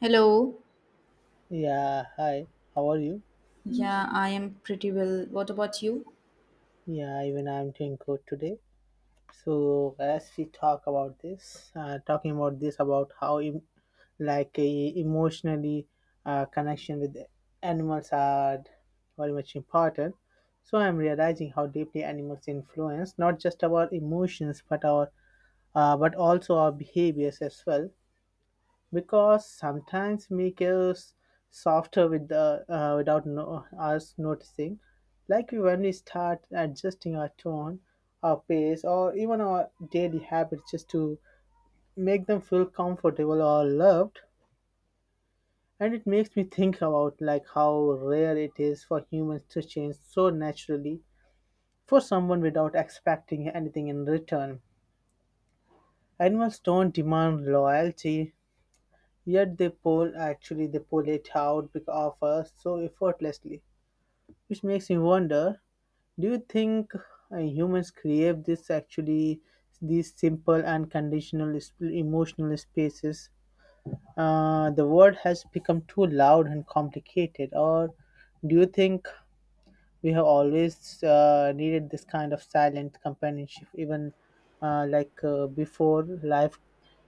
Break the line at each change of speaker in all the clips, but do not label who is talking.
Hello.
Yeah, hi. How are you?
Yeah, I am pretty well. What about you?
Yeah, even I'm doing good today. So as we talk about this about how emotionally connection with animals are very much important. So I'm realizing how deeply animals influence not just our emotions but our but also our behaviors as well. Because sometimes make us softer with the, without no, us noticing, like when we start adjusting our tone, our pace, or even our daily habits just to make them feel comfortable or loved. And it makes me think about like how rare it is for humans to change so naturally for someone without expecting anything in return. Animals don't demand loyalty. Yet they pull actually They pull it out of us so effortlessly, which makes me wonder: do you think humans crave this actually these simple and conditional emotional spaces? The world has become too loud and complicated, or do you think we have always needed this kind of silent companionship, even before life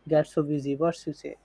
gets so busy? What you say?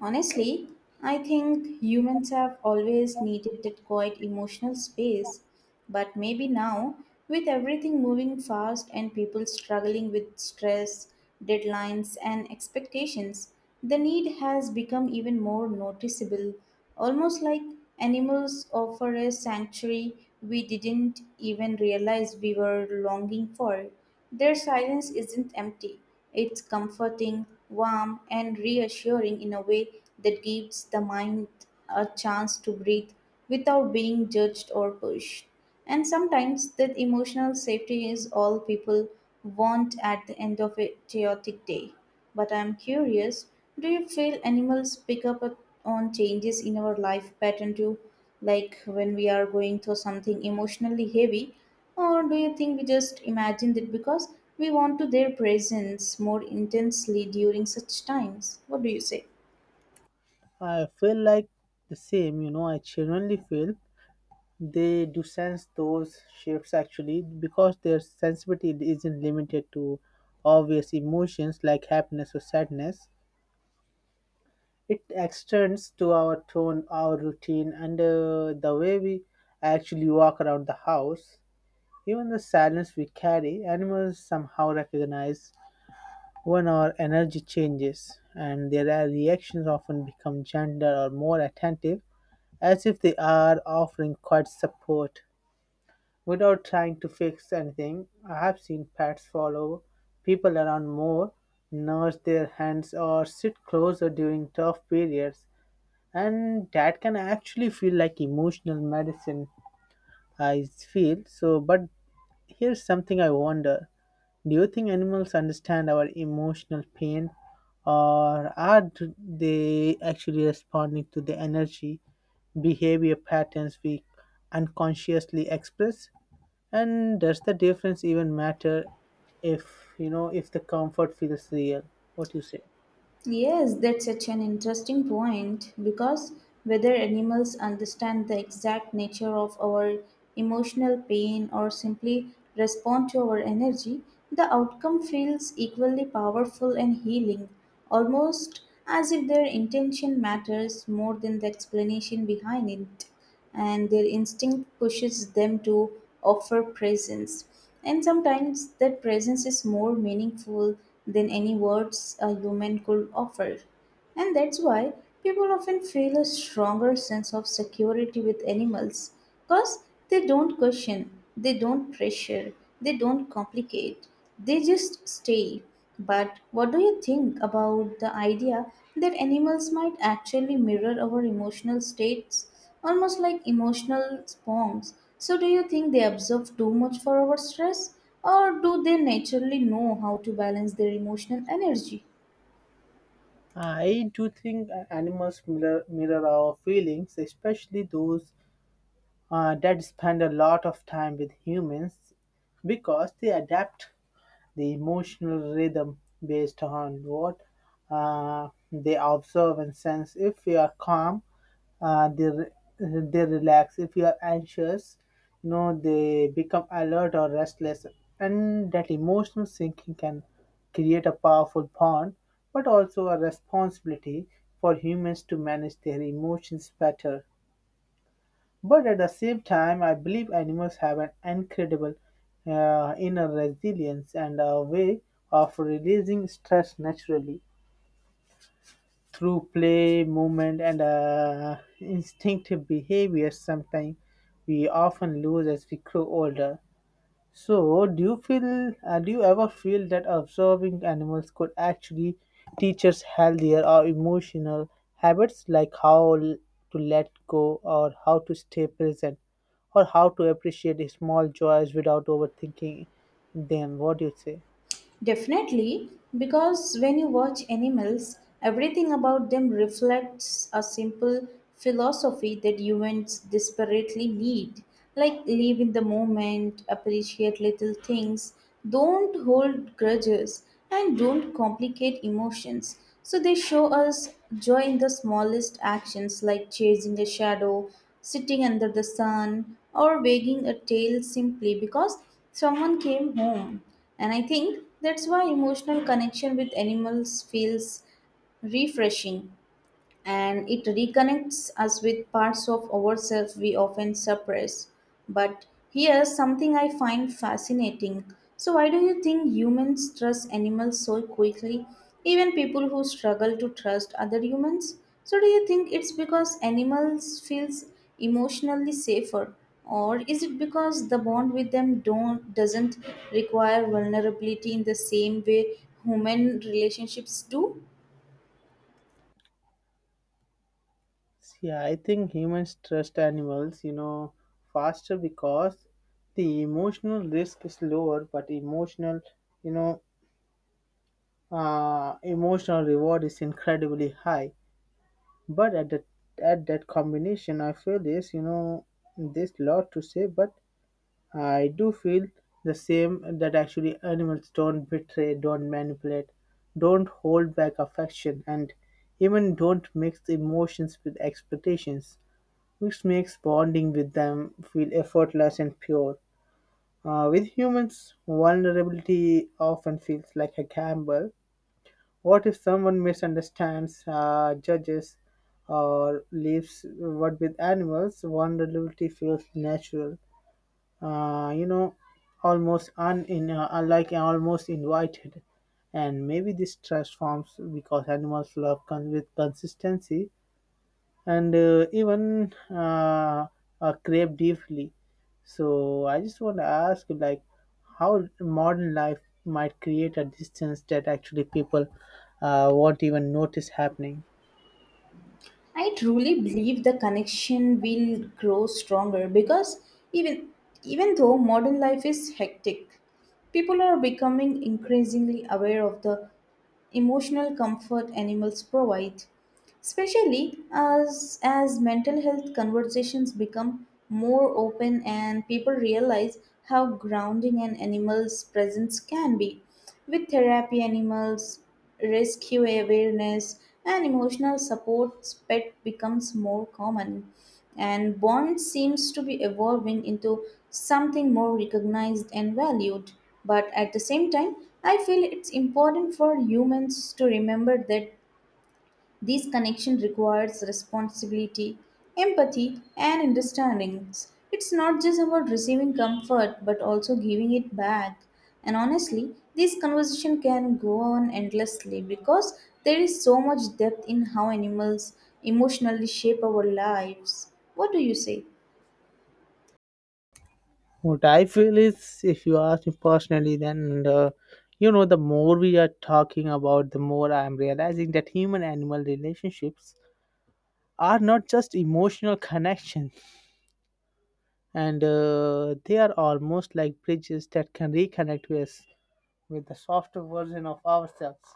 Honestly, I think humans have always needed that quiet emotional space, but maybe now, with everything moving fast and people struggling with stress, deadlines, and expectations, the need has become even more noticeable, almost like animals offer a sanctuary we didn't even realize we were longing for. Their silence isn't empty, it's comforting, warm, and reassuring in a way that gives the mind a chance to breathe without being judged or pushed. And sometimes that emotional safety is all people want at the end of a chaotic day. But I'm curious, do you feel animals on changes in our life pattern too? Like when we are going through something emotionally heavy? Or do you think we just imagined it because we want to their presence more intensely during such times? What do you say?
I feel like the same, you know, I genuinely feel they do sense those shifts actually because their sensitivity isn't limited to obvious emotions like happiness or sadness. It extends to our tone, our routine, and the way we actually walk around the house. Even the sadness we carry, animals somehow recognize when our energy changes, and their reactions often become gentler or more attentive as if they are offering quiet support without trying to fix anything. I have seen pets follow people around more, nurse their hands, or sit closer during tough periods, and that can actually feel like emotional medicine. I feel so, but here's something I wonder. Do you think animals understand our emotional pain, or are they actually responding to the energy, behavior patterns we unconsciously express? And does the difference even matter if, you know, if the comfort feels real? What you say?
Yes, that's such an interesting point because whether animals understand the exact nature of our emotional pain or simply respond to our energy, the outcome feels equally powerful and healing, almost as if their intention matters more than the explanation behind it and their instinct pushes them to offer presence. And sometimes that presence is more meaningful than any words a human could offer. And that's why people often feel a stronger sense of security with animals because they don't question, they don't pressure, they don't complicate, they just stay. But what do you think about the idea that animals might actually mirror our emotional states, almost like emotional sponges? So, do you think they observe too much for our stress, or do they naturally know how to balance their emotional energy?
I do think animals mirror our feelings, especially those that spend a lot of time with humans because they adapt the emotional rhythm based on what they observe and sense. If we are calm, uh, they re- they relax. If you are anxious, you know they become alert or restless, and that emotional sinking can create a powerful bond, but also a responsibility for humans to manage their emotions better. But at the same time, I believe animals have an incredible inner resilience and a way of releasing stress naturally through play, movement, and instinctive behaviors. Sometimes we often lose as we grow older. So, do you ever feel that observing animals could actually teach us healthier or emotional habits like to let go or how to stay present or how to appreciate small joys without overthinking them? What do you say?
Definitely, because when you watch animals, everything about them reflects a simple philosophy that humans desperately need. Like live in the moment, appreciate little things, don't hold grudges, and don't complicate emotions. So they show us joy in the smallest actions like chasing a shadow, sitting under the sun, or wagging a tail simply because someone came home. And I think that's why emotional connection with animals feels refreshing and it reconnects us with parts of ourselves we often suppress. But here's something I find fascinating. So, why do you think humans trust animals so quickly? Even people who struggle to trust other humans? So, do you think it's because animals feels emotionally safer? Or is it because the bond with them don't doesn't require vulnerability in the same way human relationships do?
Yeah, I think humans trust animals, you know, faster because the emotional risk is lower, but you know, emotional reward is incredibly high. But at that combination, I feel this, you know, this lot to say. But I do feel the same that actually animals don't betray, don't manipulate, don't hold back affection, and even don't mix emotions with expectations, which makes bonding with them feel effortless and pure. With humans, vulnerability often feels like a gamble. What if someone misunderstands, judges, or leaves? What with animals? Vulnerability feels natural, uh, you know, almost un in, unlike almost invited. And maybe this transforms because animals love with consistency and even crave deeply. So I just want to ask, like, how modern life might create a distance that actually people won't even notice happening.
I truly believe the connection will grow stronger because even even though modern life is hectic, people are becoming increasingly aware of the emotional comfort animals provide, especially as mental health conversations become more open and people realize how grounding an animal's presence can be. With therapy animals rescue awareness, and emotional support, pet becomes more common. And bond seems to be evolving into something more recognized and valued. But at the same time, I feel it's important for humans to remember that this connection requires responsibility, empathy, and understanding. It's not just about receiving comfort but also giving it back. And honestly, this conversation can go on endlessly because there is so much depth in how animals emotionally shape our lives. What do you say?
What I feel is, if you ask me personally, then you know, the more we are talking about, the more I am realizing that human-animal relationships are not just emotional connections, and they are almost like bridges that can reconnect us with the softer version of ourselves.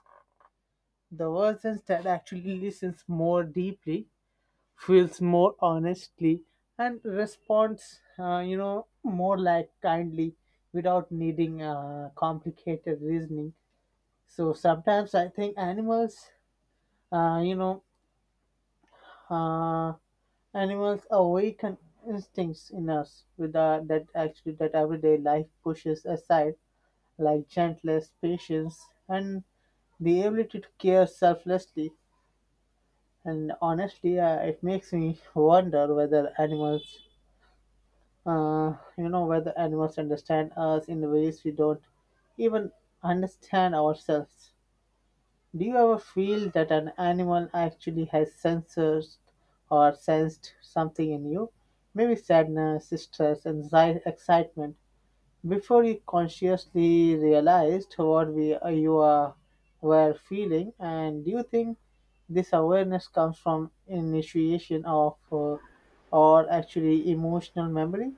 The version that actually listens more deeply, feels more honestly, and responds, more like kindly without needing complicated reasoning. So sometimes I think uh, you know, uh, animals awaken instincts in us with that actually that everyday life pushes aside like gentleness, patience, and the ability to care selflessly. And honestly, it makes me wonder whether whether animals understand us in ways we don't even understand ourselves. Do you ever feel that an animal actually has sensors or sensed something in you? Maybe sadness, stress, anxiety, excitement, before you consciously realized what you are, were feeling, and do you think this awareness comes from initiation of or actually emotional memory?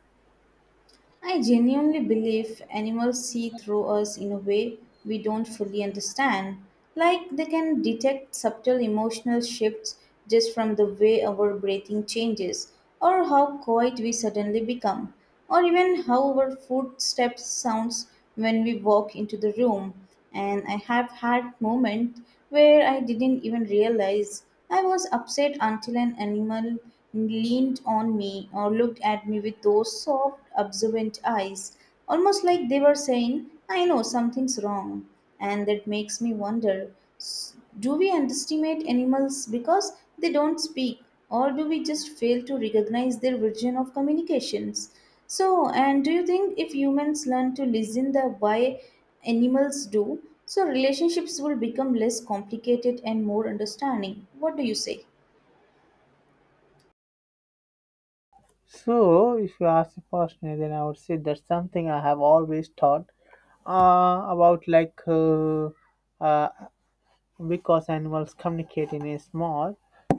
I genuinely believe animals see through us in a way we don't fully understand. Like they can detect subtle emotional shifts just from the way our breathing changes, or how quiet we suddenly become, or even how our footsteps sounds when we walk into the room and I have had moments where I didn't even realize I was upset until an animal leaned on me or looked at me with those soft, observant eyes, almost like they were saying, I know something's wrong. And that makes me wonder, do we underestimate animals because they don't speak, or do we just fail to recognize their version of communications? So, and do you think if humans learn to listen the way animals do. So relationships will become less complicated and more understanding. What do you say?
So, if you ask me personally, then I would say that's something I have always thought about, uh, because animals communicate in a small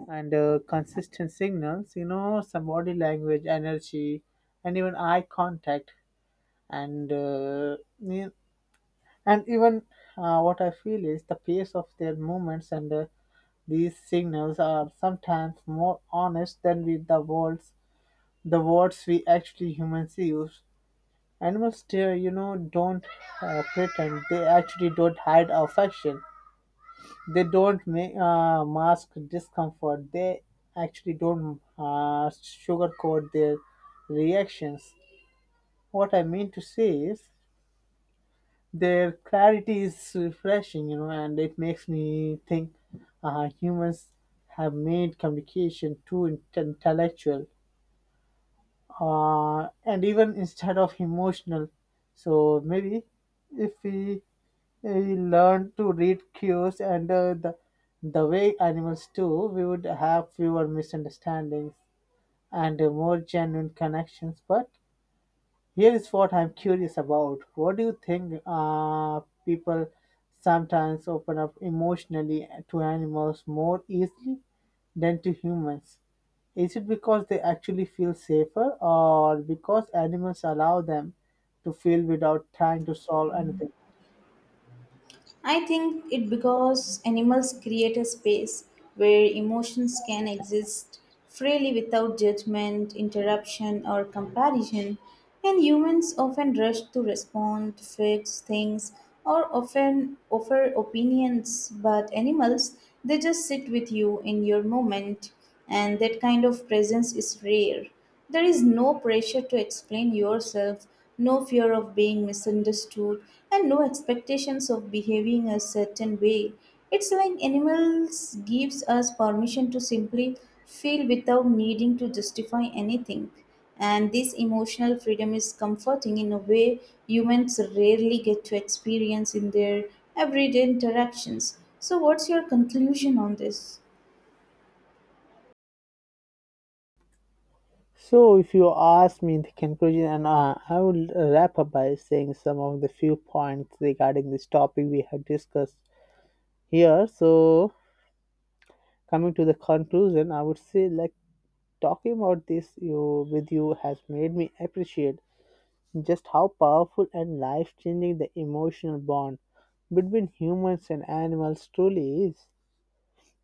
and consistent signals, you know, some body language, energy, and even eye contact and ne- and even what I feel is the pace of their movements, and these signals are sometimes more honest than with the words we actually humans use. Animals dear, you know, don't pretend, they actually don't hide affection. They don't mask discomfort. They actually don't sugarcoat their reactions. What I mean to say is their clarity is refreshing, you know, and it makes me think humans have made communication too intellectual and even instead of emotional. So maybe if we learned to read cues and the way animals do, we would have fewer misunderstandings and more genuine connections. But here is what I'm curious about. What do you think people sometimes open up emotionally to animals more easily than to humans? Is it because they actually feel safer or because animals allow them to feel without trying to solve anything?
I think it because animals create a space where emotions can exist freely without judgment, interruption, or comparison, and humans often rush to respond, fix things, or often offer opinions. But animals, they just sit with you in your moment, and that kind of presence is rare. There is no pressure to explain yourself, no fear of being misunderstood, and no expectations of behaving a certain way. It's like animals gives us permission to simply feel without needing to justify anything. And this emotional freedom is comforting in a way humans rarely get to experience in their everyday interactions. So what's your conclusion on this?
So, if you ask me in the conclusion, and I will wrap up by saying some of the few points regarding this topic we have discussed here. So, coming to the conclusion, I would say like talking about this you with you has made me appreciate just how powerful and life changing the emotional bond between humans and animals truly is.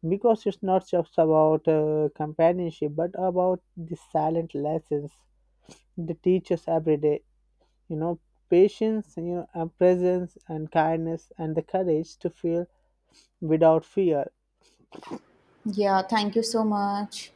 Because it's not just about companionship, but about the silent lessons they teach us every day, you know, patience, you know, presence and kindness and the courage to feel without fear.
Yeah, thank you so much.